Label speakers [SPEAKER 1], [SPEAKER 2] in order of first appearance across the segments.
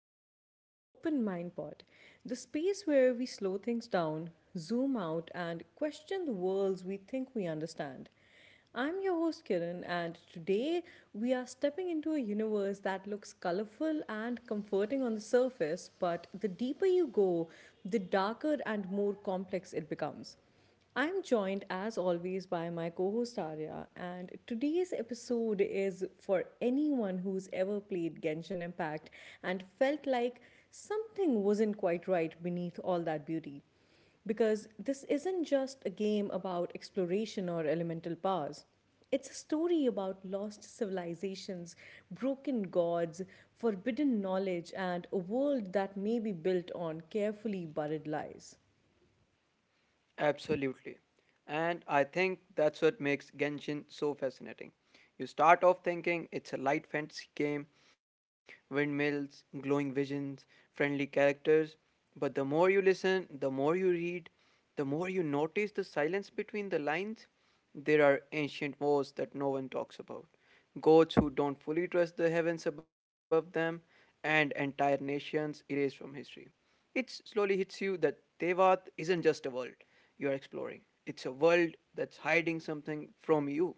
[SPEAKER 1] back to the Open Mind Pod, the space where we slow things down, zoom out, and question the worlds we think we understand. I'm your host Kiran, and today we are stepping into a universe that looks colorful and comforting on the surface, but the deeper you go, the darker and more complex it becomes. I'm joined as always by my co host Arya, and today's episode is for anyone who's ever played Genshin Impact and felt like something wasn't quite right beneath all that beauty. Because this isn't just a game about exploration or elemental powers. It's a story about lost civilizations, broken gods, forbidden knowledge, and a world that may be built on carefully buried lies.
[SPEAKER 2] Absolutely. And I think that's what makes Genshin so fascinating. You start off thinking it's a light fantasy game, windmills, glowing visions, friendly characters, but the more you listen, the more you read, the more you notice the silence between the lines. There are ancient wars that no one talks about, gods who don't fully trust the heavens above them, and entire nations erased from history. It slowly hits you that Tevat isn't just a world you're exploring, it's a world that's hiding something from you.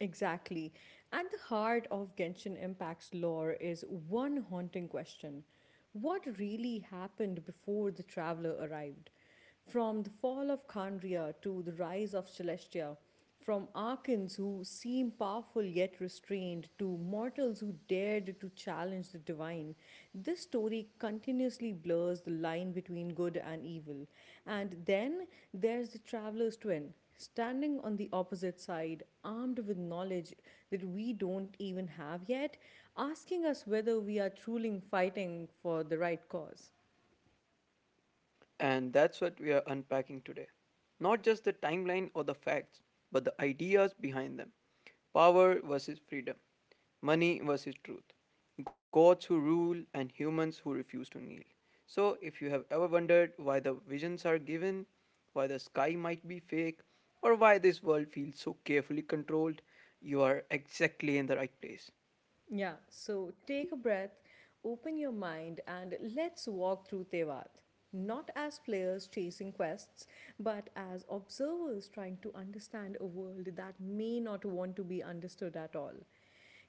[SPEAKER 1] Exactly. At the heart of Genshin Impact's lore is one haunting question: what really happened before the traveler arrived? From the fall of Khandria to the rise of Celestia, from Arkans who seem powerful yet restrained to mortals who dared to challenge the divine, this story continuously blurs the line between good and evil. And then there's the traveler's twin, standing on the opposite side, armed with knowledge that we don't even have yet, asking us whether we are truly fighting for the right cause.
[SPEAKER 2] And that's what we are unpacking today. Not just the timeline or the facts, but the ideas behind them, power versus freedom, money versus truth, gods who rule, and humans who refuse to kneel. So, if you have ever wondered why the visions are given, why the sky might be fake, or why this world feels so carefully controlled, you are exactly in the right place.
[SPEAKER 1] Yeah, so take a breath, open your mind, and let's walk through Tevat. Not as players chasing quests, but as observers trying to understand a world that may not want to be understood at all.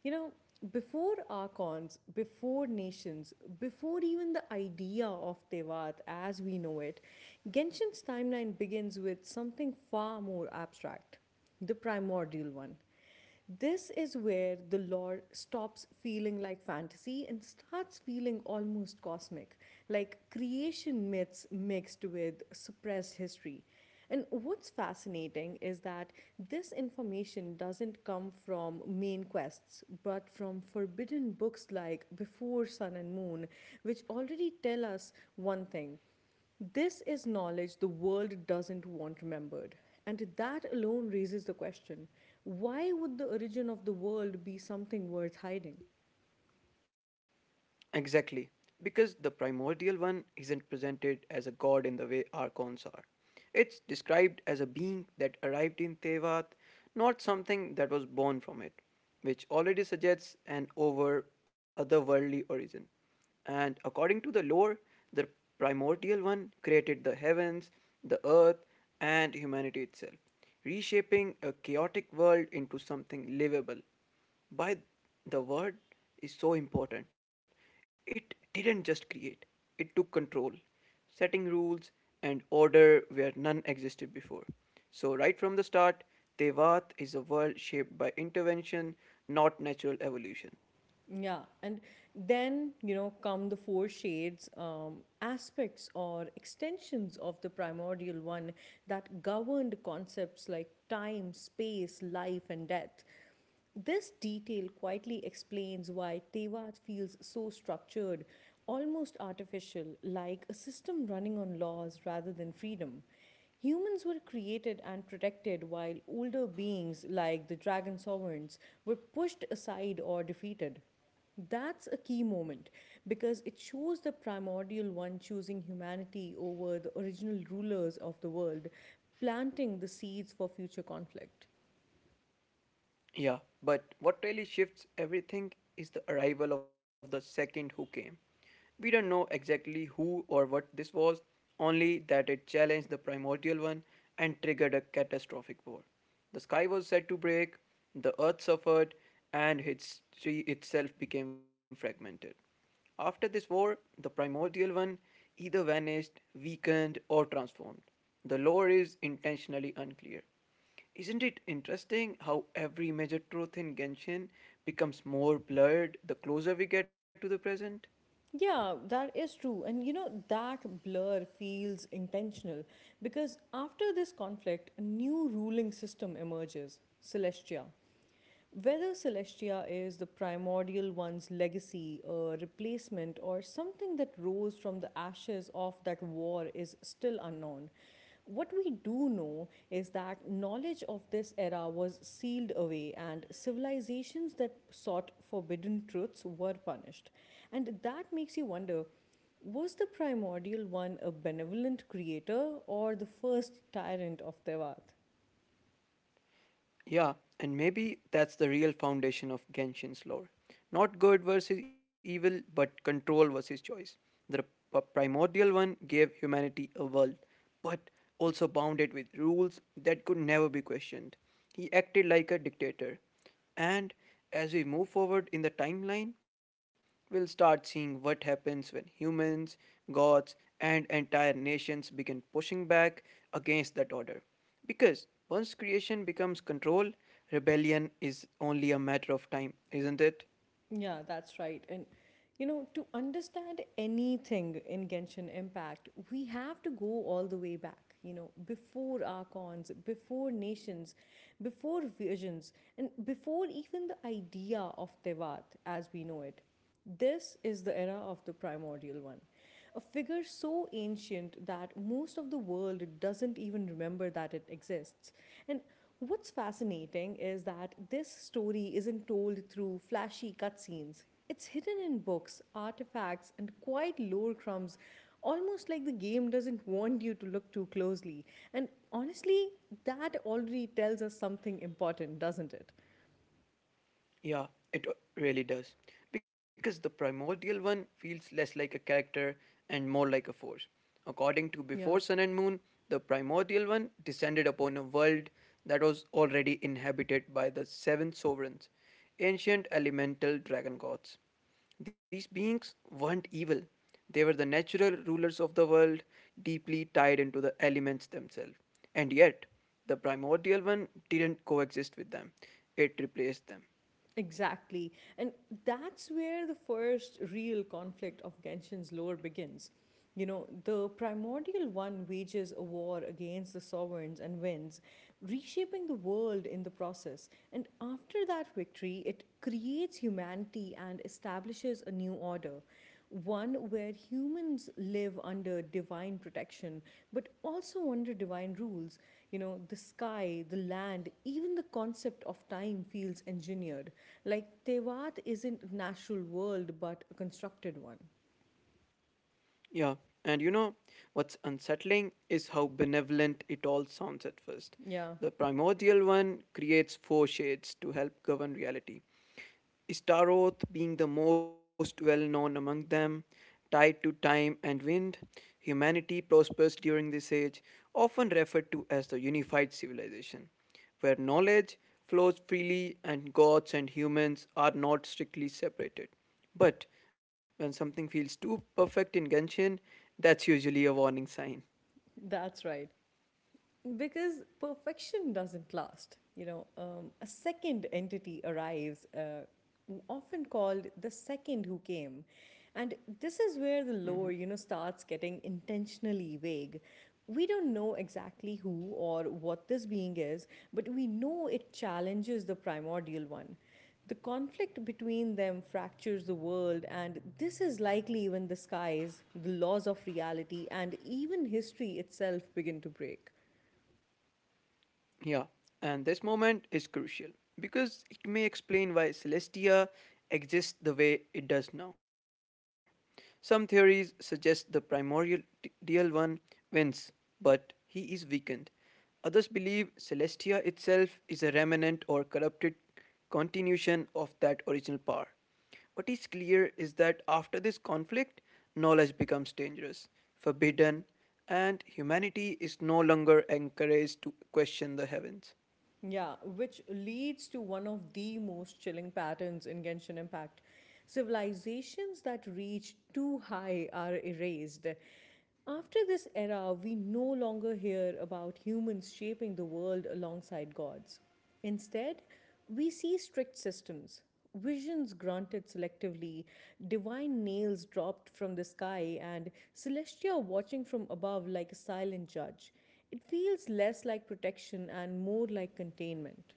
[SPEAKER 1] You know, before archons, before nations, before even the idea of Tevat as we know it, Genshin's timeline begins with something far more abstract: the primordial one. This is where the lore stops feeling like fantasy and starts feeling almost cosmic, like creation myths mixed with suppressed history. And what's fascinating is that this information doesn't come from main quests, but from forbidden books like Before Sun and Moon, which already tell us one thing: this is knowledge the world doesn't want remembered. And that alone raises the question: why would the origin of the world be something worth hiding?
[SPEAKER 2] Exactly, because the primordial one isn't presented as a god in the way archons are. It's described as a being that arrived in Tevat, not something that was born from it, which already suggests an over otherworldly origin. And according to the lore, the primordial one created the heavens, the earth, and humanity itself, reshaping a chaotic world into something livable. By the word is so important. It didn't just create, it took control, setting rules and order where none existed before. So, right from the start, Tevat is a world shaped by intervention, not natural evolution.
[SPEAKER 1] Yeah, and then you know come the four shades, aspects or extensions of the primordial one that governed concepts like time, space, life, and death. This detail quietly explains why Tevat feels so structured, almost artificial, like a system running on laws rather than freedom. Humans were created and protected while older beings like the dragon sovereigns were pushed aside or defeated. That's a key moment because it shows the primordial one choosing humanity over the original rulers of the world, planting the seeds for future conflict.
[SPEAKER 2] Yeah, but what really shifts everything is the arrival of the second who came. We don't know exactly who or what this was, only that it challenged the primordial one and triggered a catastrophic war. The sky was said to break, the earth suffered, and history itself became fragmented. After this war, the primordial one either vanished, weakened, or transformed. The lore is intentionally unclear. Isn't it interesting how every major truth in Genshin becomes more blurred the closer we get to the present?
[SPEAKER 1] Yeah, that is true. And you know, that blur feels intentional because after this conflict, a new ruling system emerges: Celestia. Whether Celestia is the primordial one's legacy, a replacement, or something that rose from the ashes of that war is still unknown. What we do know is that knowledge of this era was sealed away, and civilizations that sought forbidden truths were punished. And that makes you wonder: was the primordial one a benevolent creator or the first tyrant of Devat?
[SPEAKER 2] Yeah, and maybe that's the real foundation of Genshin's lore. Not good versus evil, but control versus choice. The primordial one gave humanity a world, but also bound it with rules that could never be questioned. He acted like a dictator. And as we move forward in the timeline, we'll start seeing what happens when humans, gods, and entire nations begin pushing back against that order. Because once creation becomes control, rebellion is only a matter of time, isn't it?
[SPEAKER 1] Yeah, that's right. And you know, to understand anything in Genshin Impact, we have to go all the way back, you know, before archons, before nations, before visions, and before even the idea of Tevat as we know it. This is the era of the primordial one. A figure so ancient that most of the world doesn't even remember that it exists. And what's fascinating is that this story isn't told through flashy cutscenes. It's hidden in books, artifacts, and quiet lore crumbs, almost like the game doesn't want you to look too closely. And honestly, that already tells us something important, doesn't it?
[SPEAKER 2] Yeah, it really does. Because the primordial one feels less like a character and more like a force. According to Before
[SPEAKER 1] Yeah.
[SPEAKER 2] Sun and Moon, the primordial one descended upon a world that was already inhabited by the seven sovereigns, ancient elemental dragon gods. These beings weren't evil, they were the natural rulers of the world, deeply tied into the elements themselves. And yet, the primordial one didn't coexist with them, it replaced them.
[SPEAKER 1] Exactly. And that's where the first real conflict of Genshin's lore begins. You know, the primordial one wages a war against the sovereigns and wins, reshaping the world in the process. And after that victory, it creates humanity and establishes a new order, one where humans live under divine protection, but also under divine rules. You know, the sky, the land, even the concept of time feels engineered. Like Tevat isn't a natural world, but a constructed one.
[SPEAKER 2] Yeah, and you know what's unsettling is how benevolent it all sounds at first.
[SPEAKER 1] Yeah,
[SPEAKER 2] The primordial one creates four shades to help govern reality. Staroth being the most well known among them, tied to time and wind, humanity prospers during this age, often referred to as the unified civilization, where knowledge flows freely and gods and humans are not strictly separated. But when something feels too perfect in Genshin, that's usually a warning sign.
[SPEAKER 1] that's right. Because perfection doesn't last. You know, a second entity arrives, often called the second who came. And this
[SPEAKER 2] Mhm.
[SPEAKER 1] is where the lore, you know, starts getting intentionally vague. We don't know exactly who or what this being is, but we know it challenges the primordial one. The conflict between them fractures the world, and this is likely when the skies, the laws of reality, and even history itself begin to break.
[SPEAKER 2] Yeah, and this moment is crucial because it may explain why Celestia exists the way it does now. Some theories suggest the primordial DL one wins, but he is weakened. Others believe Celestia itself is a remnant or corrupted continuation of that original power. What is clear is that after this conflict, knowledge becomes dangerous, forbidden, and humanity is no longer encouraged to question the heavens.
[SPEAKER 1] Yeah, which leads to one of the most chilling patterns in Genshin Impact. Civilizations that reach too high are erased. After this era, we no longer hear about humans shaping the world alongside gods. Instead, we see strict systems, visions granted selectively, divine nails dropped from the sky, and Celestia watching from above like a silent judge. It feels less like protection and more like containment.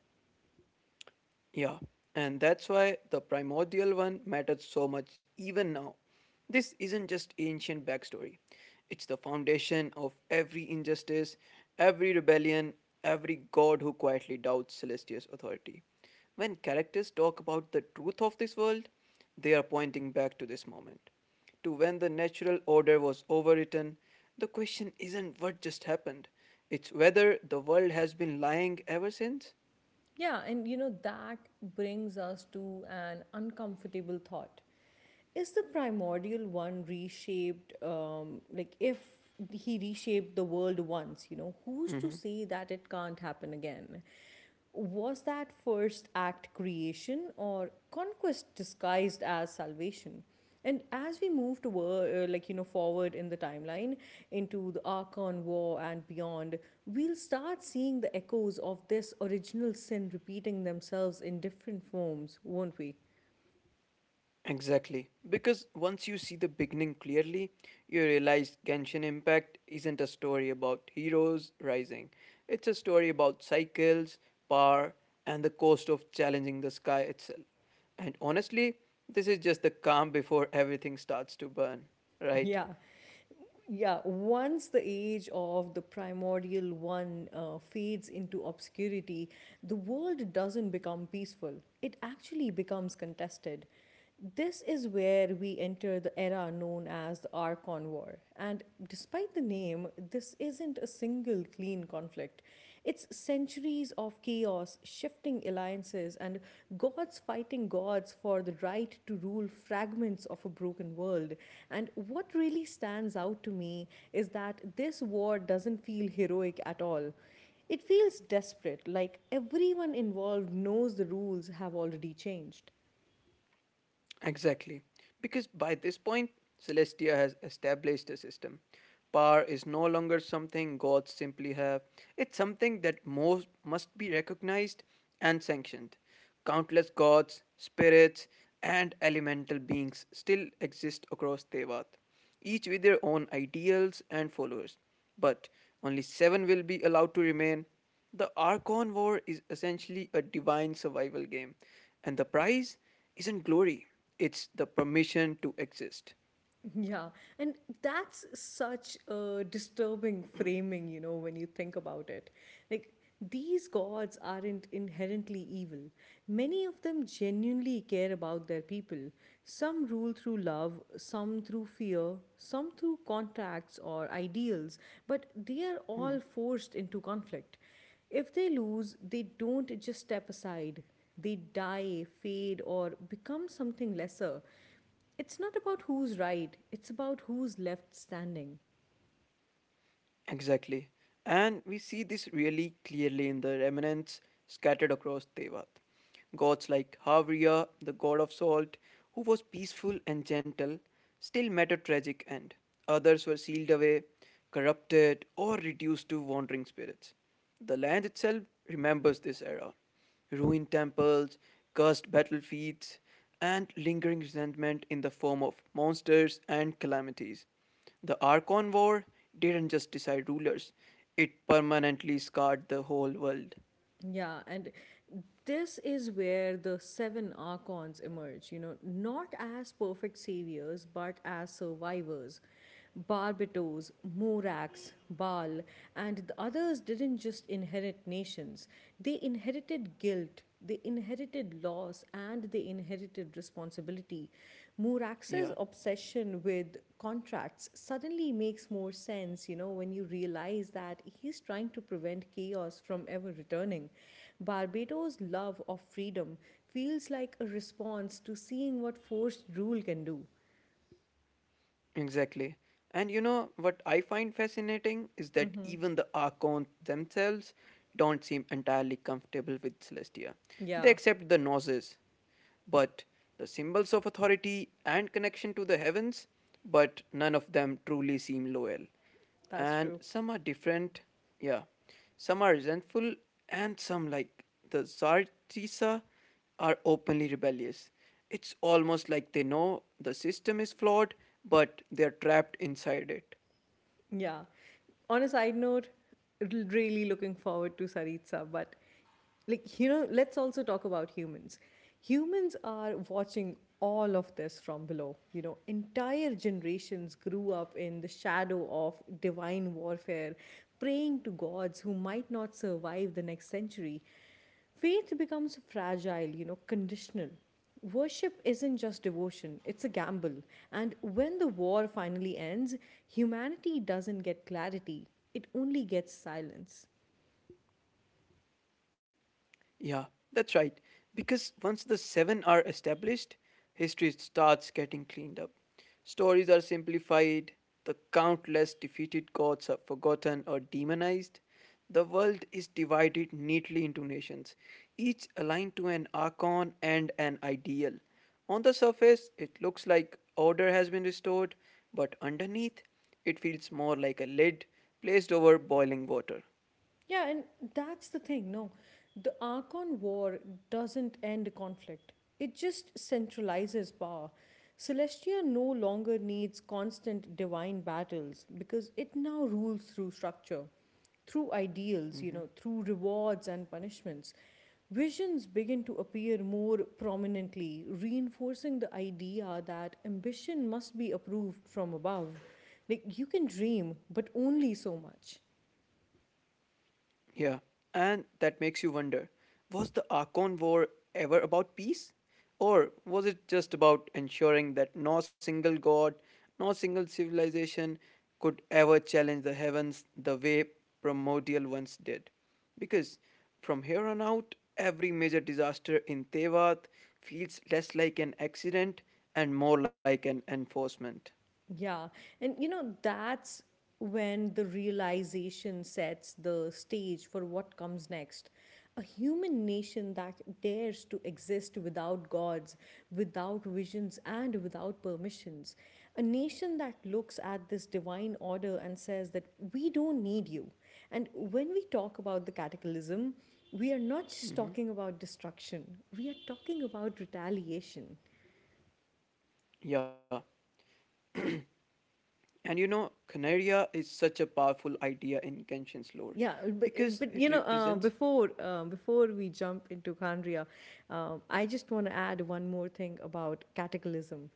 [SPEAKER 2] Yeah, and that's why the primordial one matters so much even now. This isn't just ancient backstory, it's the foundation of every injustice, every rebellion, every god who quietly doubts Celestia's authority. When characters talk about the truth of this world, they are pointing back to this moment, to when the natural order was overwritten. The question isn't what just happened, it's whether the world has been lying ever since.
[SPEAKER 1] Yeah, and you know, that brings us to an uncomfortable thought. Is the primordial one reshaped, like if he reshaped the world once, you know, who's to say that it can't happen again? Was that first act creation or conquest disguised as salvation? And as we move toward, like, you know, forward in the timeline into the Archon War and beyond, we'll start seeing the echoes of this original sin repeating themselves in different forms, won't we?
[SPEAKER 2] Exactly. Because once you see the beginning clearly, you realize Genshin Impact isn't a story about heroes rising. It's a story about cycles, power, and the cost of challenging the sky itself. And honestly, this is just the calm before everything starts to burn, right?
[SPEAKER 1] Yeah. Yeah, once the age of the primordial one fades into obscurity, the world doesn't become peaceful. It actually becomes contested. This is where we enter the era known as the Archon War. And despite the name, this isn't a single clean conflict. It's centuries of chaos, shifting alliances, and gods fighting gods for the right to rule fragments of a broken world. And what really stands out to me is that this war doesn't feel heroic at all. It feels desperate, like everyone involved knows the rules have already changed.
[SPEAKER 2] Exactly. Because by this point, Celestia has established a system. Power is no longer something gods simply have, it's something that most must be recognized and sanctioned. Countless gods, spirits, and elemental beings still exist across Tevat, each with their own ideals and followers, but only seven will be allowed to remain. The Archon War is essentially a divine survival game, and the prize isn't glory, it's the permission to exist.
[SPEAKER 1] Yeah, and that's such a disturbing framing, you know, when you think about it. Like, these gods aren't inherently evil. Many of them genuinely care about their people. Some rule through love, some through fear, some through contracts or ideals, but they are all forced into conflict. If they lose, they don't just step aside, they die, fade, or become something lesser. It's not about who's right, it's about who's left standing.
[SPEAKER 2] Exactly. And we see this really clearly in the remnants scattered across Devat. Gods like Havriya, the god of salt, who was peaceful and gentle, still met a tragic end. Others were sealed away, corrupted, or reduced to wandering spirits. The land itself remembers this era, ruined temples, cursed battlefields, and lingering resentment in the form of monsters and calamities. The Archon War didn't just decide rulers, it permanently scarred the whole world.
[SPEAKER 1] Yeah, and this is where the seven archons emerge, you know, not as perfect saviors but as survivors. Barbatos, Morax, Baal, and the others didn't just inherit nations, they inherited guilt, the inherited loss, and the inherited responsibility. Murax's
[SPEAKER 2] Yeah,
[SPEAKER 1] obsession with contracts suddenly makes more sense, you know, when you realize that he's trying to prevent chaos from ever returning. Barbados' love of freedom feels like a response to seeing what forced rule can do.
[SPEAKER 2] exactly. And you know what I find fascinating is that even the Archons themselves don't seem entirely comfortable with Celestia. They
[SPEAKER 1] Yeah,
[SPEAKER 2] accept the Gnosis, but the symbols of authority and connection to the heavens, but none of them truly seem loyal.
[SPEAKER 1] that's
[SPEAKER 2] And
[SPEAKER 1] true.
[SPEAKER 2] some are different, yeah, some are resentful, and some, like the Zartisa, are openly rebellious. It's almost like they know the system is flawed, but they're trapped inside it.
[SPEAKER 1] Yeah. On a side note, really looking forward to Saritsa, but like you know, let's also talk about humans. Humans are watching all of this from below. You know, entire generations grew up in the shadow of divine warfare, praying to gods who might not survive the next century. Faith becomes fragile, you know, conditional. Worship isn't just devotion, it's a gamble. And when the war finally ends, humanity doesn't get clarity, it only gets silence.
[SPEAKER 2] Yeah, that's right. Because once the seven are established, history starts getting cleaned up. Stories are simplified, the countless defeated gods are forgotten or demonized. The world is divided neatly into nations, each aligned to an archon and an ideal. On the surface, it looks like order has been restored, but underneath, it feels more like a lid placed over boiling water.
[SPEAKER 1] Yeah, and that's the thing. No, the Archon War doesn't end conflict, it just centralizes power. Celestia no longer needs constant divine battles because it now rules through structure, through ideals, you know,
[SPEAKER 2] Mm-hmm.
[SPEAKER 1] through rewards and punishments. Visions begin to appear more prominently, reinforcing the idea that ambition must be approved from above. Like, you can dream, but only so much.
[SPEAKER 2] Yeah, and that makes you wonder, was the Archon War ever about peace? Or was it just about ensuring that no single god, no single civilization could ever challenge the heavens the way primordial ones did? Because from here on out, every major disaster in Tevat feels less like an accident and more like an enforcement.
[SPEAKER 1] Yeah. And you know, that's when the realization sets the stage for what comes next. A human nation that dares to exist without gods, without visions, and without permissions. A nation that looks at this divine order and says that we don't need you. And when we talk about the cataclysm, we are not just talking about destruction, we are talking about retaliation.
[SPEAKER 2] Yeah, and you know, Canaria is such a powerful idea in Genshin's lore
[SPEAKER 1] Yeah, uh, but, uh,
[SPEAKER 2] because
[SPEAKER 1] but
[SPEAKER 2] it
[SPEAKER 1] you know,
[SPEAKER 2] represents,
[SPEAKER 1] before we jump into Khandria, Um, I just want to add one more thing about cataclysm.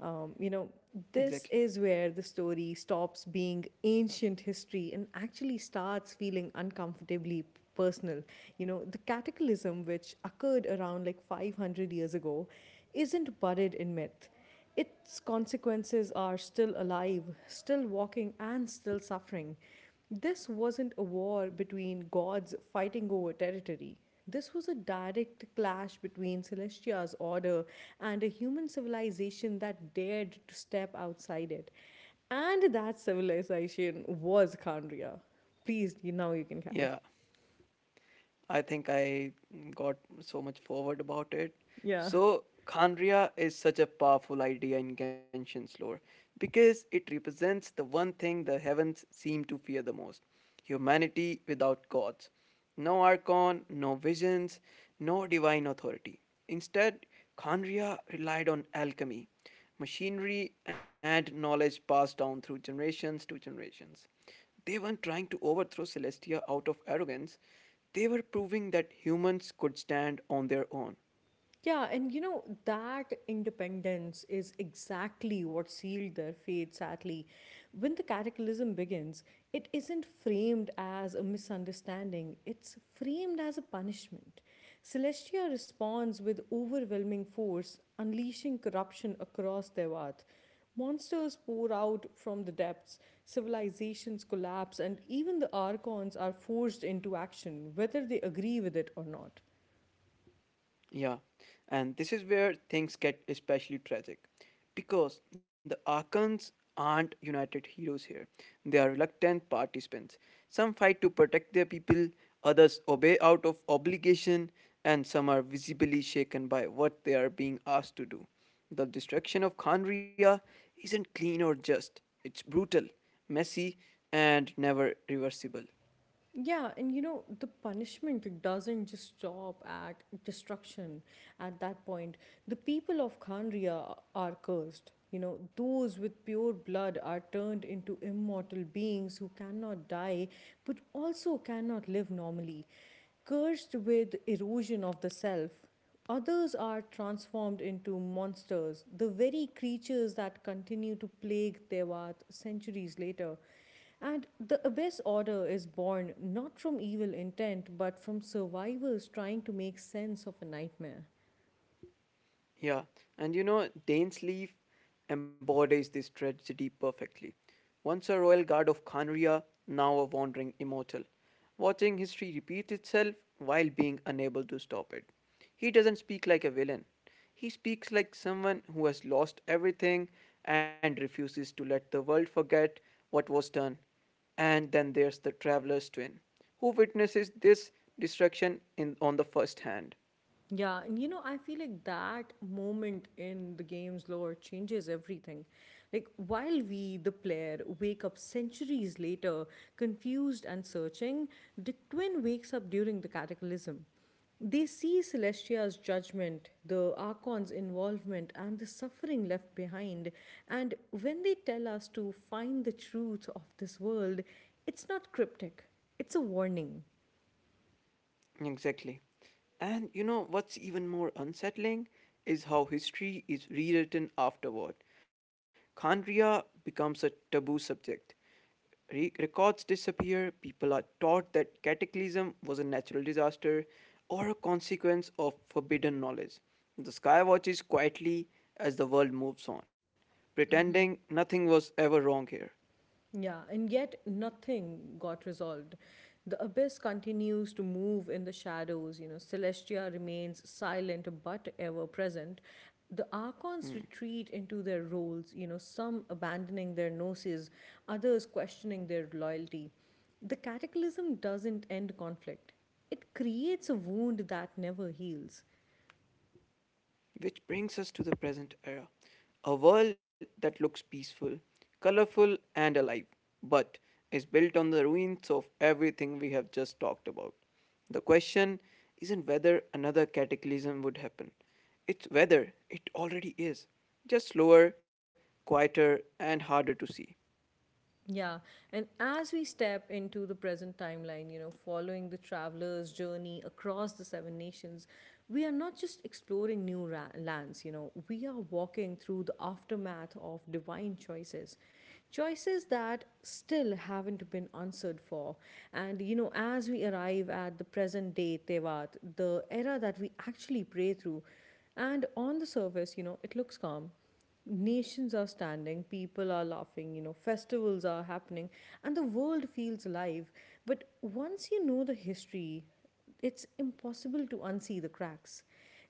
[SPEAKER 1] Um, you know,
[SPEAKER 2] exactly.
[SPEAKER 1] this is where the story stops being ancient history and actually starts feeling uncomfortably personal. You know, the cataclysm which occurred around like 500 years ago isn't buried in myth. Its consequences are still alive, still walking, and still suffering. This wasn't a war between gods fighting over territory. This was a direct clash between Celestia's order and a human civilization that dared to step outside it. And that civilization was Khandria. Please, you, now you can carry.
[SPEAKER 2] Yeah. I think I got so much forward about it.
[SPEAKER 1] Yeah.
[SPEAKER 2] So, Khandria is such a powerful idea in Genshin's lore because it represents the one thing the heavens seem to fear the most, humanity without gods. No archon, no visions, no divine authority. Instead, Khandria relied on alchemy, machinery, and knowledge passed down through generations to generations. They weren't trying to overthrow Celestia out of arrogance, they were proving that humans could stand on their own.
[SPEAKER 1] Yeah, and you know, that independence is exactly what sealed their fate, sadly. When the cataclysm begins, it isn't framed as a misunderstanding, it's framed as a punishment. Celestia responds with overwhelming force, unleashing corruption across their earth. Monsters pour out from the depths, civilizations collapse, and even the Archons are forced into action, whether they agree with it or not.
[SPEAKER 2] Yeah, and this is where things get especially tragic because the Arkans aren't united heroes here. They are reluctant participants. Some fight to protect their people, others obey out of obligation, and some are visibly shaken by what they are being asked to do. The destruction of Khanria isn't clean or just, it's brutal, messy, and never reversible.
[SPEAKER 1] Yeah, and you know, the punishment doesn't just stop at destruction at that point. The people of Khandria are cursed. You know, those with pure blood are turned into immortal beings who cannot die but also cannot live normally, cursed with erosion of the self. Others are transformed into monsters, the very creatures that continue to plague Devat centuries later. And the abyss order is born not from evil intent but from survivors trying to make sense of a nightmare.
[SPEAKER 2] Yeah, and you know, Dane's embodies this tragedy perfectly. Once a royal guard of Khanria, now a wandering immortal, watching history repeat itself while being unable to stop it. He doesn't speak like a villain. He speaks like someone who has lost everything and refuses to let the world forget what was done. And then there's the traveler's twin, who witnesses this destruction in, on the first hand.
[SPEAKER 1] Yeah, and you know, I feel like that moment in the game's lore changes everything. Like, while we, the player, wake up centuries later, confused and searching, the twin wakes up during the cataclysm. They see Celestia's judgment, the Archon's involvement, and the suffering left behind. And when they tell us to find the truth of this world, it's not cryptic, it's a warning.
[SPEAKER 2] Exactly. And you know what's even more unsettling is how history is rewritten afterward. Khandria becomes a taboo subject. Records disappear, people are taught that cataclysm was a natural disaster or a consequence of forbidden knowledge. The sky watches quietly as the world moves on, pretending nothing was ever wrong here.
[SPEAKER 1] Yeah, and yet nothing got resolved. The abyss continues to move in the shadows. You know, Celestia remains silent but ever present. The Archons
[SPEAKER 2] Hmm.
[SPEAKER 1] retreat into their roles, you know, some abandoning their gnosis, others questioning their loyalty. The Cataclysm doesn't end conflict, it creates a wound that never heals.
[SPEAKER 2] Which brings us to the present era, a world that looks peaceful, colorful, and alive, but is built on the ruins of everything we have just talked about. The question isn't whether another cataclysm would happen, it's whether it already is, just slower, quieter, and harder to see.
[SPEAKER 1] Yeah, and as we step into the present timeline, you know, following the traveler's journey across the seven nations, we are not just exploring lands, you know, we are walking through the aftermath of divine choices. Choices that still haven't been answered for. And, you know, as we arrive at the present day Tevat, the era that we actually pray through, and on the surface, you know, it looks calm nations are standing, people are laughing, you know, festivals are happening, and the world feels alive. But once you know the history, it's impossible to unsee the cracks.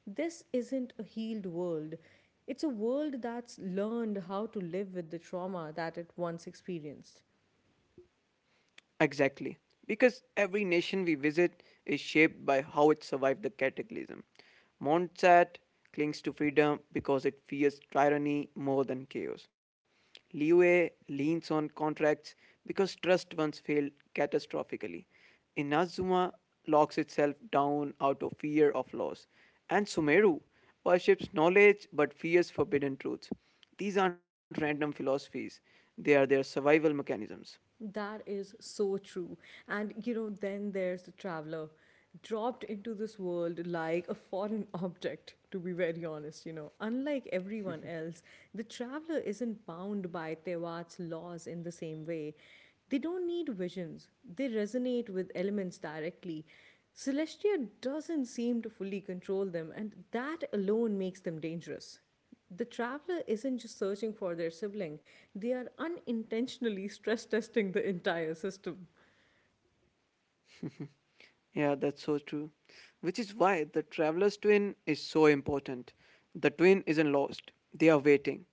[SPEAKER 1] This isn't a healed world. It's a world that's learned how to live with the trauma that it once experienced.
[SPEAKER 2] Exactly. Because every nation we visit is shaped by how it survived the cataclysm. Montsat clings to freedom because it fears tyranny more than chaos. Liue leans on contracts because trust once failed catastrophically. Inazuma locks itself down out of fear of loss. And Sumeru worships knowledge but fears forbidden truths. These aren't random philosophies, they are their survival mechanisms.
[SPEAKER 1] That is so true. And you know, then there's the traveler dropped into this world like a foreign object, to be very honest. You know, unlike everyone else, the traveler isn't bound by Tewat's laws in the same way. They don't need visions, they resonate with elements directly. Celestia doesn't seem to fully control them, and that alone makes them dangerous. The traveler isn't just searching for their sibling, they are unintentionally stress testing the entire system.
[SPEAKER 2] Yeah, that's so true. Which is why the traveler's twin is so important. The twin isn't lost, they are waiting.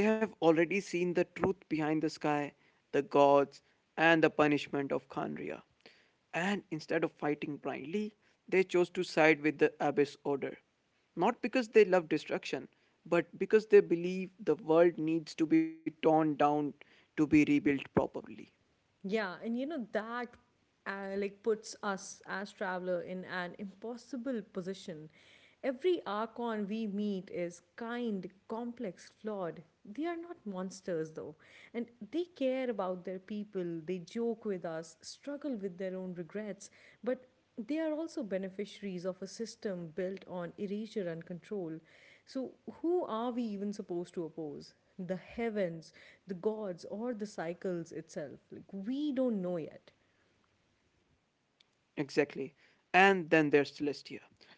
[SPEAKER 2] They have already seen the truth behind the sky, the gods, and the punishment of Khanria. And instead of fighting blindly, they chose to side with the Abyss Order. Not because they love destruction, but because they believe the world needs to be torn down to be rebuilt properly.
[SPEAKER 1] Yeah, and you know that like puts us as traveler in an impossible position. Every archon we meet is kind, complex, flawed. They are not monsters though, and they care about their people, they joke with us, struggle with their own regrets, but they are also beneficiaries of a system built on erasure and control. So, who are we even supposed to oppose? The heavens, the gods, or the cycles itself? Like, we don't know yet.
[SPEAKER 2] Exactly. And then there's Celestia.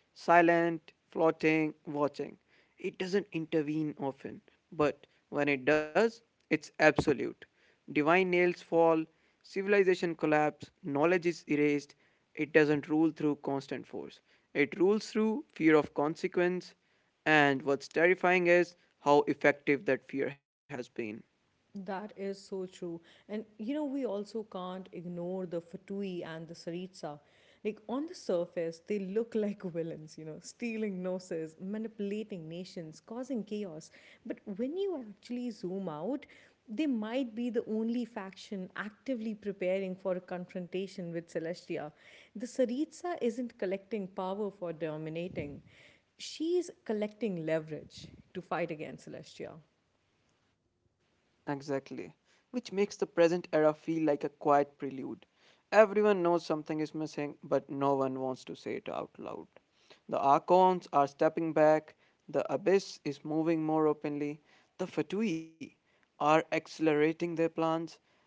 [SPEAKER 2] Silent, floating, watching. It doesn't intervene often, but when it does, it's absolute. Divine nails fall, civilization collapse, knowledge is erased. It doesn't rule through constant force. It rules through fear of consequence, and what's terrifying is how effective that fear has been.
[SPEAKER 1] That is so true. And you know, we also can't ignore the Fatui and the Saritsa. Like, on the surface, they look like villains, you know, stealing noses, manipulating nations, causing chaos. But when you actually zoom out, they might be the only faction actively preparing for a confrontation with Celestia. The Saritsa isn't collecting power for dominating, she's collecting leverage to fight against Celestia.
[SPEAKER 2] Exactly. Which makes the present era feel like a quiet prelude. Everyone knows something is missing, but no one wants to say it out loud. The archons are stepping back, the abyss is moving more openly, the fatui are accelerating their plans,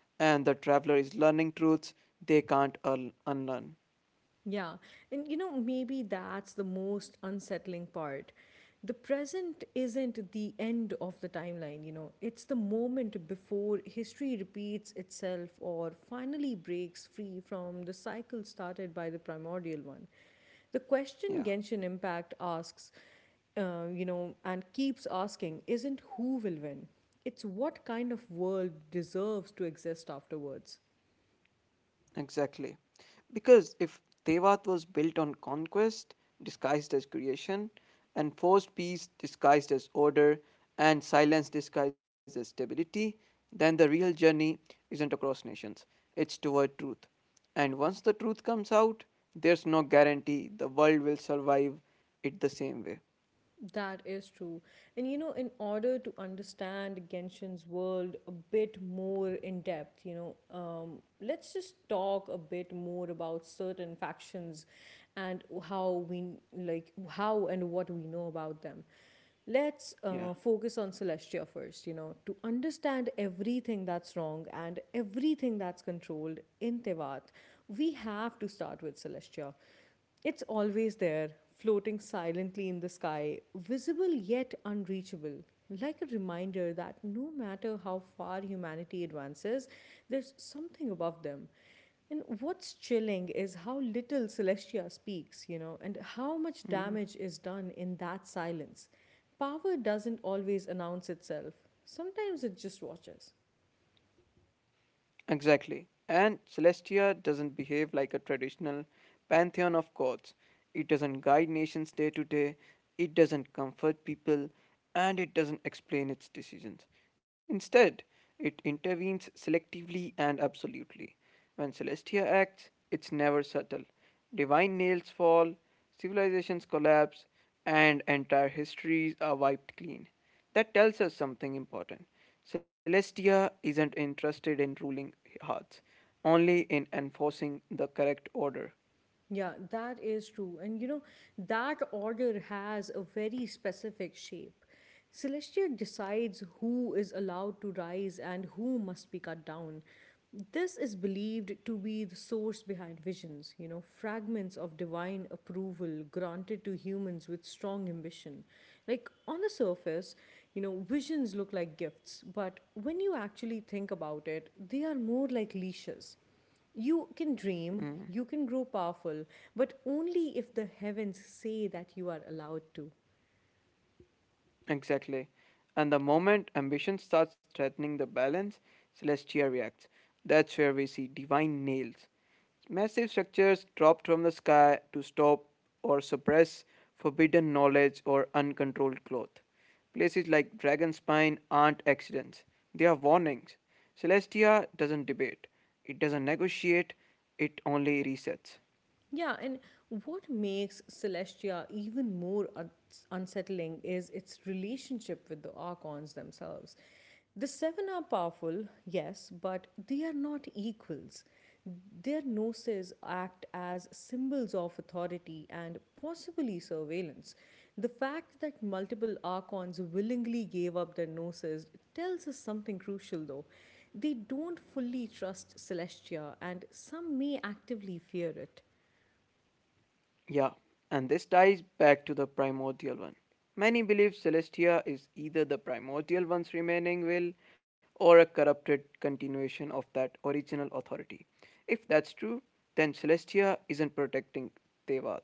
[SPEAKER 2] and the traveler is learning truths they can't unlearn.
[SPEAKER 1] Yeah. And you know, maybe that's the most unsettling part. The present isn't the end of the timeline, you know, it's the moment before history repeats itself or finally breaks free from the cycle started by the primordial one. The question
[SPEAKER 2] Yeah.
[SPEAKER 1] Genshin Impact asks, you know, and keeps asking isn't who will win, it's what kind of world deserves to exist afterwards.
[SPEAKER 2] Exactly. Because if Tevat was built on conquest, disguised as creation, and forced peace disguised as order, and silence disguised as stability, then the real journey isn't across nations, it's toward truth. And once the truth comes out, there's no guarantee the world will survive it the same way.
[SPEAKER 1] That is true. And you know, in order to understand Genshin's world a bit more in depth, you know, let's just talk a bit more about certain factions and how we like how and what we know about them. Let's
[SPEAKER 2] Yeah.
[SPEAKER 1] focus on Celestia first, you know, to understand everything that's wrong and everything that's controlled in Tevat, we have to start with Celestia. It's always there, floating silently in the sky, visible yet unreachable, like a reminder that no matter how far humanity advances, there's something above them. And what's chilling is how little Celestia speaks, you know, and how much damage is done in that silence. Power doesn't always announce itself, sometimes it just watches.
[SPEAKER 2] Exactly. And Celestia doesn't behave like a traditional pantheon of gods. It doesn't guide nations day to day, it doesn't comfort people, and it doesn't explain its decisions. Instead, it intervenes selectively and absolutely. When Celestia acts, it's never subtle. Divine nails fall, civilizations collapse, and entire histories are wiped clean. That tells us something important. Celestia isn't interested in ruling hearts, only in enforcing the correct order.
[SPEAKER 1] Yeah, that is true. And you know, that order has a very specific shape. Celestia decides who is allowed to rise and who must be cut down. This is believed to be the source behind visions, you know, fragments of divine approval granted to humans with strong ambition. Like, on the surface, you know, visions look like gifts, but when you actually think about it, they are more like leashes. You can dream,
[SPEAKER 2] Mm.
[SPEAKER 1] you can grow powerful, but only if the heavens say that you are allowed to.
[SPEAKER 2] Exactly. And the moment ambition starts threatening the balance, Celestia reacts. That's where we see divine nails. Massive structures dropped from the sky to stop or suppress forbidden knowledge or uncontrolled growth. Places like Dragonspine aren't accidents, they are warnings. Celestia doesn't debate, it doesn't negotiate, it only resets.
[SPEAKER 1] Yeah, and what makes Celestia even more unsettling is its relationship with the Archons themselves. The Seven are powerful, yes, but they are not equals. Their gnosis act as symbols of authority and possibly surveillance. The fact that multiple Archons willingly gave up their gnosis tells us something crucial, though. They don't fully trust Celestia, and some may actively fear it.
[SPEAKER 2] Yeah, and this ties back to the primordial one. Many believe Celestia is either the primordial one's remaining will or a corrupted continuation of that original authority. If that's true, then Celestia isn't protecting Tevat.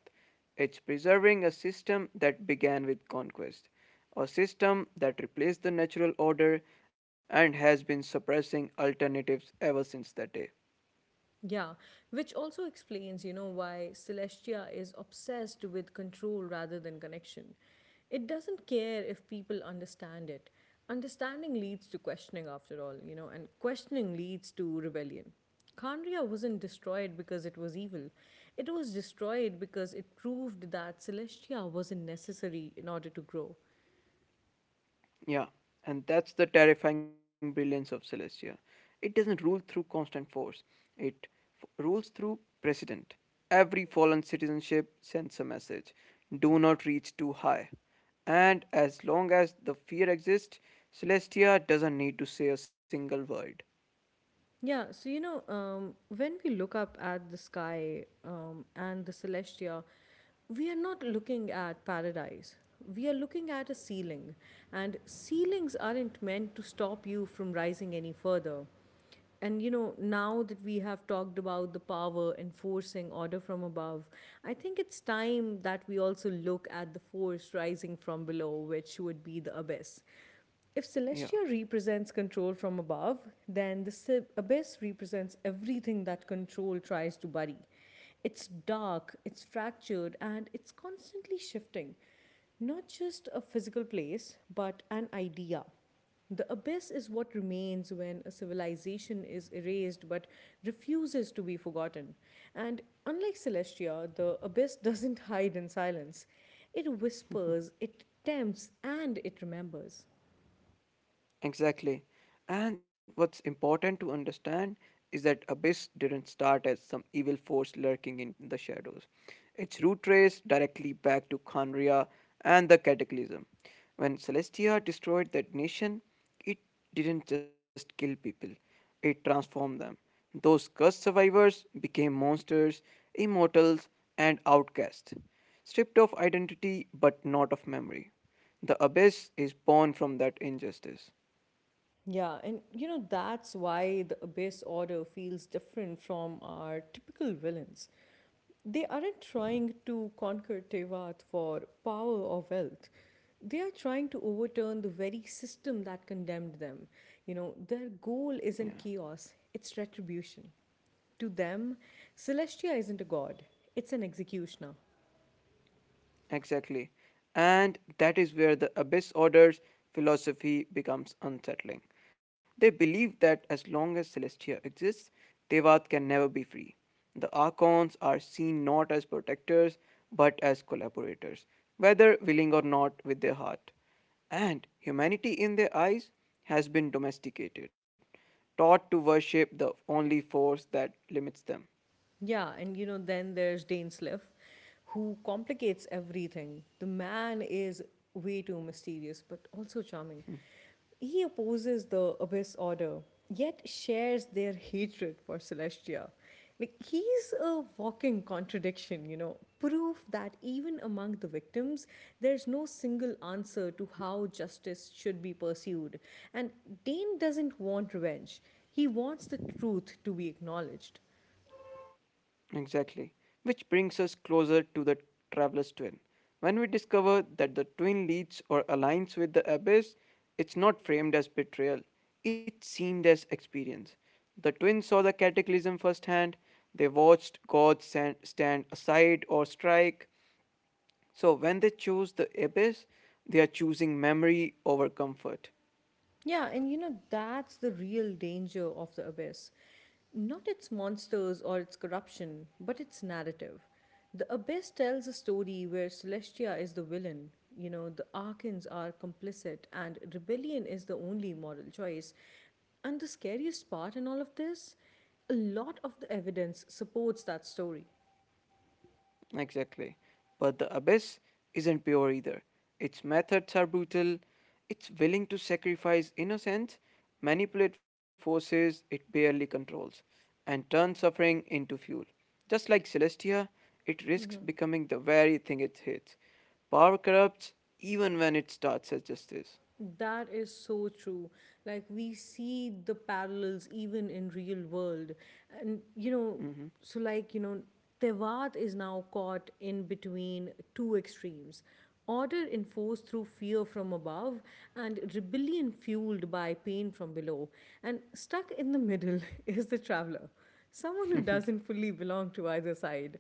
[SPEAKER 2] It's preserving a system that began with conquest, a system that replaced the natural order and has been suppressing alternatives ever since that day.
[SPEAKER 1] Yeah, which also explains, you know, why Celestia is obsessed with control rather than connection. It doesn't care if people understand it. Understanding leads to questioning, after all, you know, and questioning leads to rebellion. Kandria wasn't destroyed because it was evil. It was destroyed because it proved that Celestia wasn't necessary in order to grow.
[SPEAKER 2] Yeah, and that's the terrifying brilliance of Celestia. It doesn't rule through constant force, it rules through precedent. Every fallen citizenship sends a message, do not reach too high. And as long as the fear exists, Celestia doesn't need to say a single word.
[SPEAKER 1] Yeah, so you know, when we look up at the sky and the celestia, we are not looking at paradise. We are looking at a ceiling, and ceilings aren't meant to stop you from rising any further. And you know, now that we have talked about the power enforcing order from above, I think it's time that we also look at the force rising from below, which would be the abyss. If
[SPEAKER 2] Yeah.
[SPEAKER 1] Celestia represents control from above, then the abyss represents everything that control tries to bury. It's dark, it's fractured, and it's constantly shifting. Not just a physical place, but an idea. The abyss is what remains when a civilization is erased but refuses to be forgotten. And unlike Celestia, the abyss doesn't hide in silence. It whispers, it tempts, and it remembers.
[SPEAKER 2] Exactly. And what's important to understand is that Abyss didn't start as some evil force lurking in the shadows. Its root traced directly back to Khanria and the Cataclysm. When Celestia destroyed that nation, it didn't just kill people, it transformed them. Those cursed survivors became monsters, immortals, and outcasts, stripped of identity but not of memory. The abyss is born from that injustice.
[SPEAKER 1] Yeah, and you know, that's why the Abyss Order feels different from our typical villains. They aren't trying to conquer Tevat for power or wealth. They are trying to overturn the very system that condemned them. You know, their
[SPEAKER 2] Yeah,
[SPEAKER 1] goal isn't chaos, it's retribution. To them, Celestia isn't a god, it's an executioner.
[SPEAKER 2] exactly. And that is where the Abyss Order's philosophy becomes unsettling. They believe that as long as Celestia exists, Devat can never be free. The Archons are seen not as protectors, but as collaborators, whether willing or not with their heart. And humanity in their eyes has been domesticated, taught to worship the only force that limits them.
[SPEAKER 1] Yeah, and you know, then there's Dane Sliff, who complicates everything. The man is way too mysterious, but also charming. He opposes the Abyss Order, yet shares their hatred for Celestia. Like, he's a walking contradiction, you know, proof that even among the victims, there's no single answer to how justice should be pursued. And Dane doesn't want revenge, he wants the truth to be acknowledged.
[SPEAKER 2] Exactly. Which brings us closer to the traveler's twin. When we discover that the twin leads or aligns with the abyss, it's not framed as betrayal, it's seen as experience. The twin saw the cataclysm firsthand, they watched gods stand aside or strike. So when they choose the abyss, they are choosing memory over comfort.
[SPEAKER 1] Yeah, and you know, that's the real danger of the abyss. Not its monsters or its corruption, but its narrative. The abyss tells a story where Celestia is the villain, you know, the Arkans are complicit, and rebellion is the only moral choice. And the scariest part in all of this, a lot of the evidence supports that story.
[SPEAKER 2] Exactly. But the abyss isn't pure either. Its methods are brutal, it's willing to sacrifice innocence, manipulate forces it barely controls, and turn suffering into fuel. Just like Celestia, it risks becoming the very thing it hates. Power corrupts even when it starts as justice.
[SPEAKER 1] That is so true. Like we see the parallels even in real world. And you know,
[SPEAKER 2] Mhm.
[SPEAKER 1] so like, you know, Tewat is now caught in between two extremes. Order enforced through fear from above and rebellion fueled by pain from below. And stuck in the middle is the traveler, someone who doesn't fully belong to either side.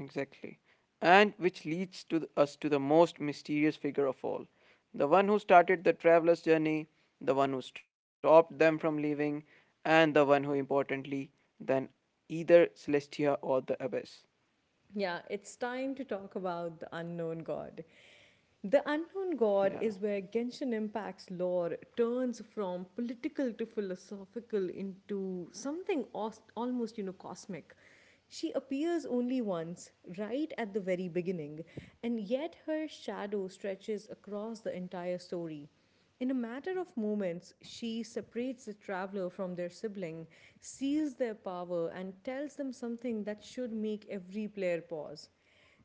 [SPEAKER 2] Exactly. And which leads to us to the most mysterious figure of all, the one who started the traveler's journey, the one who stopped them from leaving, and the one who, importantly, than either Celestia or the Abyss.
[SPEAKER 1] Yeah, it's time to talk about the unknown god. The unknown god
[SPEAKER 2] Yeah.
[SPEAKER 1] is where Genshin Impact's lore turns from political to philosophical into something almost, you know, cosmic. She appears only once, right at the very beginning, and yet her shadow stretches across the entire story. In a matter of moments, she separates the traveler from their sibling, seals their power, and tells them something that should make every player pause.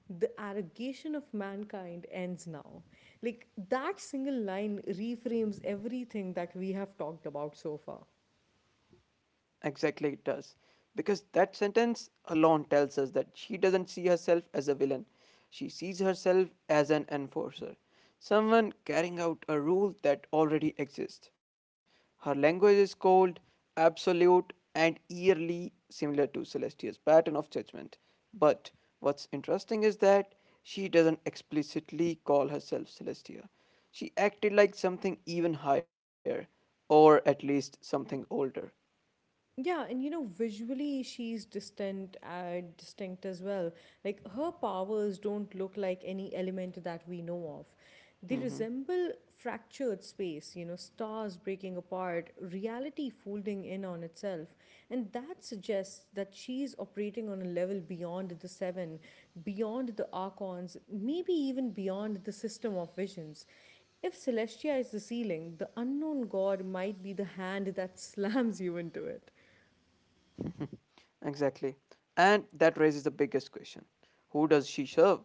[SPEAKER 1] The arrogation of mankind ends now. Like, that single line reframes everything that we have talked about so far.
[SPEAKER 2] Exactly, it does. Because that sentence alone tells us that she doesn't see herself as a villain. She sees herself as an enforcer, someone carrying out a rule that already exists. Her language is cold, absolute, and eerily similar to Celestia's pattern of judgment. But what's interesting is that she doesn't explicitly call herself Celestia. She acted like something even higher, or at least something older.
[SPEAKER 1] Yeah, and you know, visually she's distant, distinct as well. Like her powers don't look like any element that we know of. They
[SPEAKER 2] Mm-hmm.
[SPEAKER 1] resemble fractured space, you know, stars breaking apart, reality folding in on itself. And that suggests that she's operating on a level beyond the seven, beyond the archons, maybe even beyond the system of visions. If Celestia is the ceiling, the unknown god might be the hand that slams you into it.
[SPEAKER 2] Exactly. And that raises the biggest question, who does she serve?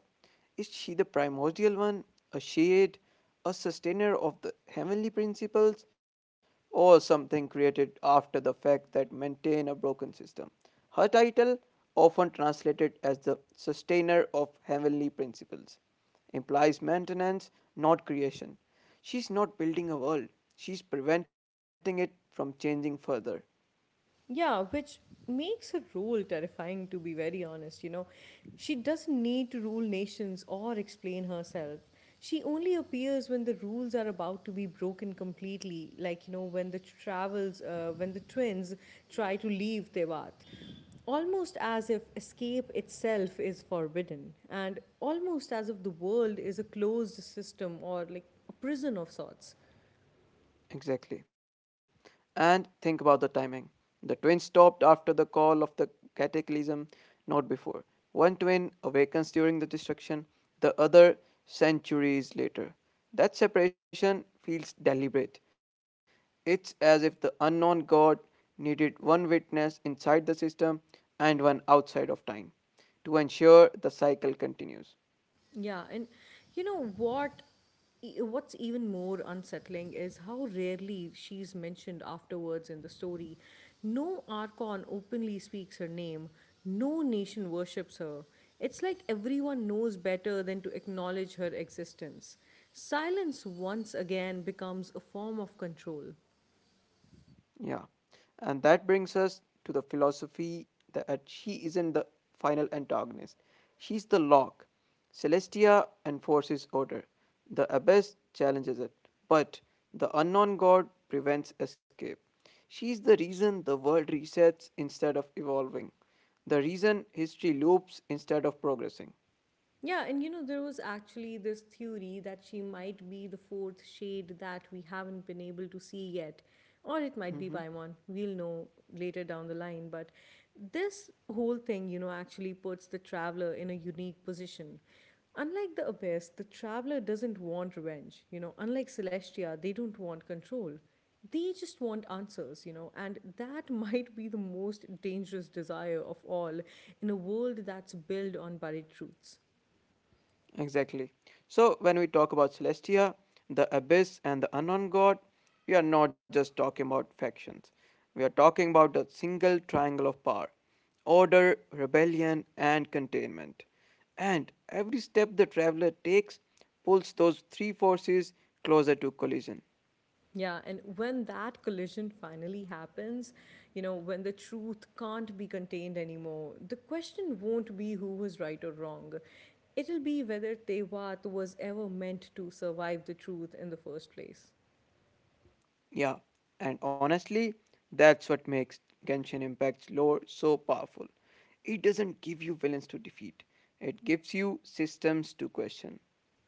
[SPEAKER 2] Is she the primordial one, a shade, a sustainer of the heavenly principles, or something created after the fact that maintain a broken system? Her title, often translated as the sustainer of heavenly principles, implies maintenance, not creation. She's not building a world, she's preventing it from changing further.
[SPEAKER 1] Yeah, which makes her role terrifying, to be very honest. You know, she doesn't need to rule nations or explain herself. She only appears when the rules are about to be broken completely, like, you know, when the twins try to leave Tevat. Almost as if escape itself is forbidden, and almost as if the world is a closed system or like a prison of sorts.
[SPEAKER 2] Exactly. And think about the timing. The twin stopped after the call of the cataclysm, not before. One twin awakens during the destruction, the other centuries later. That separation feels deliberate. It's as if the unknown god needed one witness inside the system and one outside of time to ensure the cycle continues.
[SPEAKER 1] Yeah, and you know what? What's even more unsettling is how rarely she's mentioned afterwards in the story. No Archon openly speaks her name, no nation worships her. It's like everyone knows better than to acknowledge her existence. Silence once again becomes a form of control.
[SPEAKER 2] Yeah. And that brings us to the philosophy that she isn't the final antagonist. She's the lock. Celestia enforces order. The abyss challenges it. But the unknown god prevents escape. She's the reason the world resets instead of evolving. The reason history loops instead of progressing.
[SPEAKER 1] Yeah, and you know, there was actually this theory that she might be the fourth shade that we haven't been able to see yet. Or it might be
[SPEAKER 2] Mm-hmm.
[SPEAKER 1] Paimon. We'll know later down the line. But this whole thing, you know, actually puts the traveler in a unique position. Unlike the Abyss, the traveler doesn't want revenge. You know, unlike Celestia, they don't want control. They just want answers, you know, and that might be the most dangerous desire of all in a world that's built on buried truths.
[SPEAKER 2] Exactly. So, when we talk about Celestia, the Abyss, and the Unknown God, we are not just talking about factions. We are talking about the single triangle of power, order, rebellion, and containment. And every step the traveler takes pulls those three forces closer to collision.
[SPEAKER 1] Yeah, and when that collision finally happens, you know, when the truth can't be contained anymore, the question won't be who was right or wrong. It'll be whether Tewat was ever meant to survive the truth in the first place.
[SPEAKER 2] Yeah, and honestly, that's what makes Genshin Impact's lore so powerful. It doesn't give you villains to defeat, it gives you systems to question.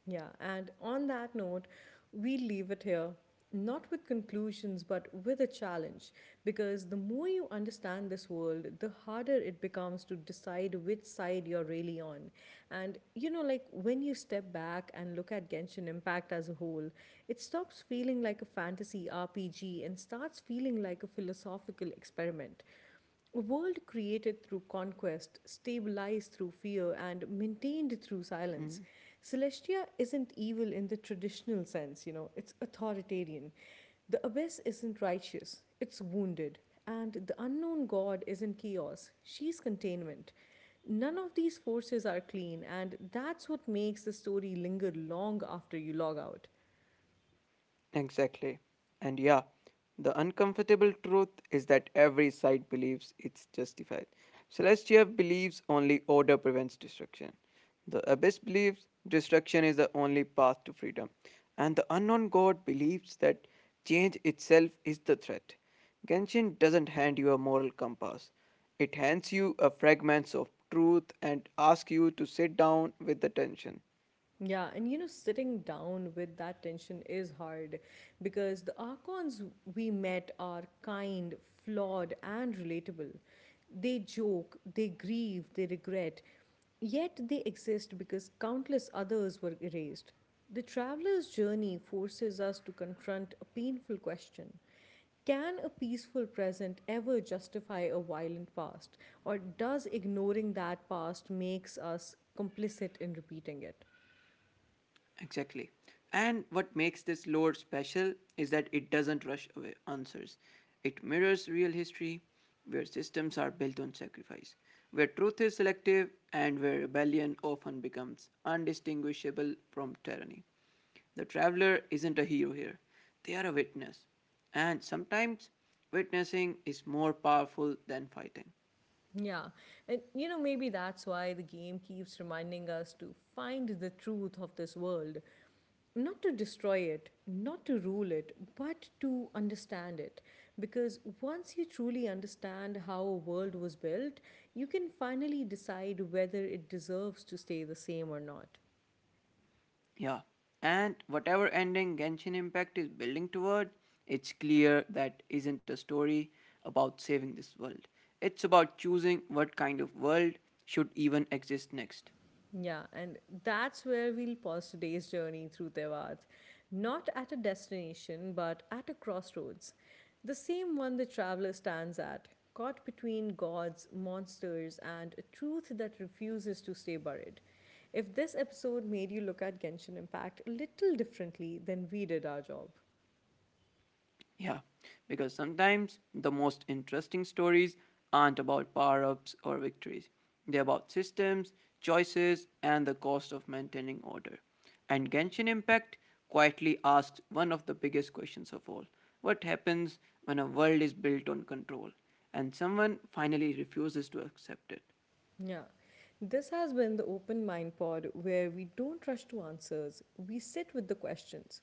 [SPEAKER 1] Yeah, and on that note, we leave it here, not with conclusions, but with a challenge. Because the more you understand this world, the harder it becomes to decide which side you're really on. And you know, like when you step back and look at Genshin Impact as a whole, it stops feeling like a fantasy RPG and starts feeling like a philosophical experiment. A world created through conquest, stabilized through fear, and maintained through silence.
[SPEAKER 2] Mm.
[SPEAKER 1] Celestia isn't evil in the traditional sense, you know, it's authoritarian. The abyss isn't righteous, it's wounded. And the unknown god isn't chaos, she's containment. None of these forces are clean, and that's what makes the story linger long after you log out.
[SPEAKER 2] Exactly. And yeah, the uncomfortable truth is that every side believes it's justified. Celestia believes only order prevents destruction. The Abyss believes destruction is the only path to freedom. And the Unknown God believes that change itself is the threat. Genshin doesn't hand you a moral compass, it hands you a fragments of truth and asks you to sit down with the tension.
[SPEAKER 1] Yeah, and you know, sitting down with that tension is hard because the Archons we met are kind, flawed, and relatable. They joke, they grieve, they regret, yet they exist because countless others were erased. The traveler's journey forces us to confront a painful question. Can a peaceful present ever justify a violent past, or does ignoring that past makes us complicit in repeating it?
[SPEAKER 2] Exactly. And what makes this lore special is that it doesn't rush away answers. It mirrors real history, where systems are built on sacrifice, where truth is selective, and where rebellion often becomes undistinguishable from tyranny. The traveler isn't a hero here, they are a witness. And sometimes, witnessing is more powerful than fighting.
[SPEAKER 1] Yeah. And you know, maybe that's why the game keeps reminding us to find the truth of this world. Not to destroy it, not to rule it, but to understand it. Because once you truly understand how a world was built, you can finally decide whether it deserves to stay the same or not.
[SPEAKER 2] Yeah. And whatever ending Genshin Impact is building toward, it's clear that isn't a story about saving this world. It's about choosing what kind of world should even exist next.
[SPEAKER 1] Yeah, and that's where we'll pause today's journey through Tevat. Not at a destination, but at a crossroads. The same one the traveler stands at, caught between gods, monsters, and a truth that refuses to stay buried. If this episode made you look at Genshin Impact a little differently, then we did our job.
[SPEAKER 2] Yeah, because sometimes the most interesting stories aren't about power ups or victories. They're about systems, choices, and the cost of maintaining order. And Genshin Impact quietly asks one of the biggest questions of all, what happens when a world is built on control and someone finally refuses to accept it?
[SPEAKER 1] Yeah. This has been the Open Mind Pod where we don't rush to answers, we sit with the questions.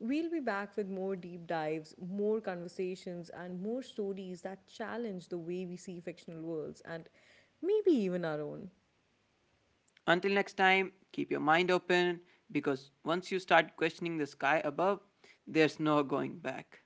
[SPEAKER 1] We'll be back with more deep dives, more conversations, and more stories that challenge the way we see fictional worlds and maybe even our own.
[SPEAKER 2] Until next time, keep your mind open because once you start questioning the sky above, there's no going back.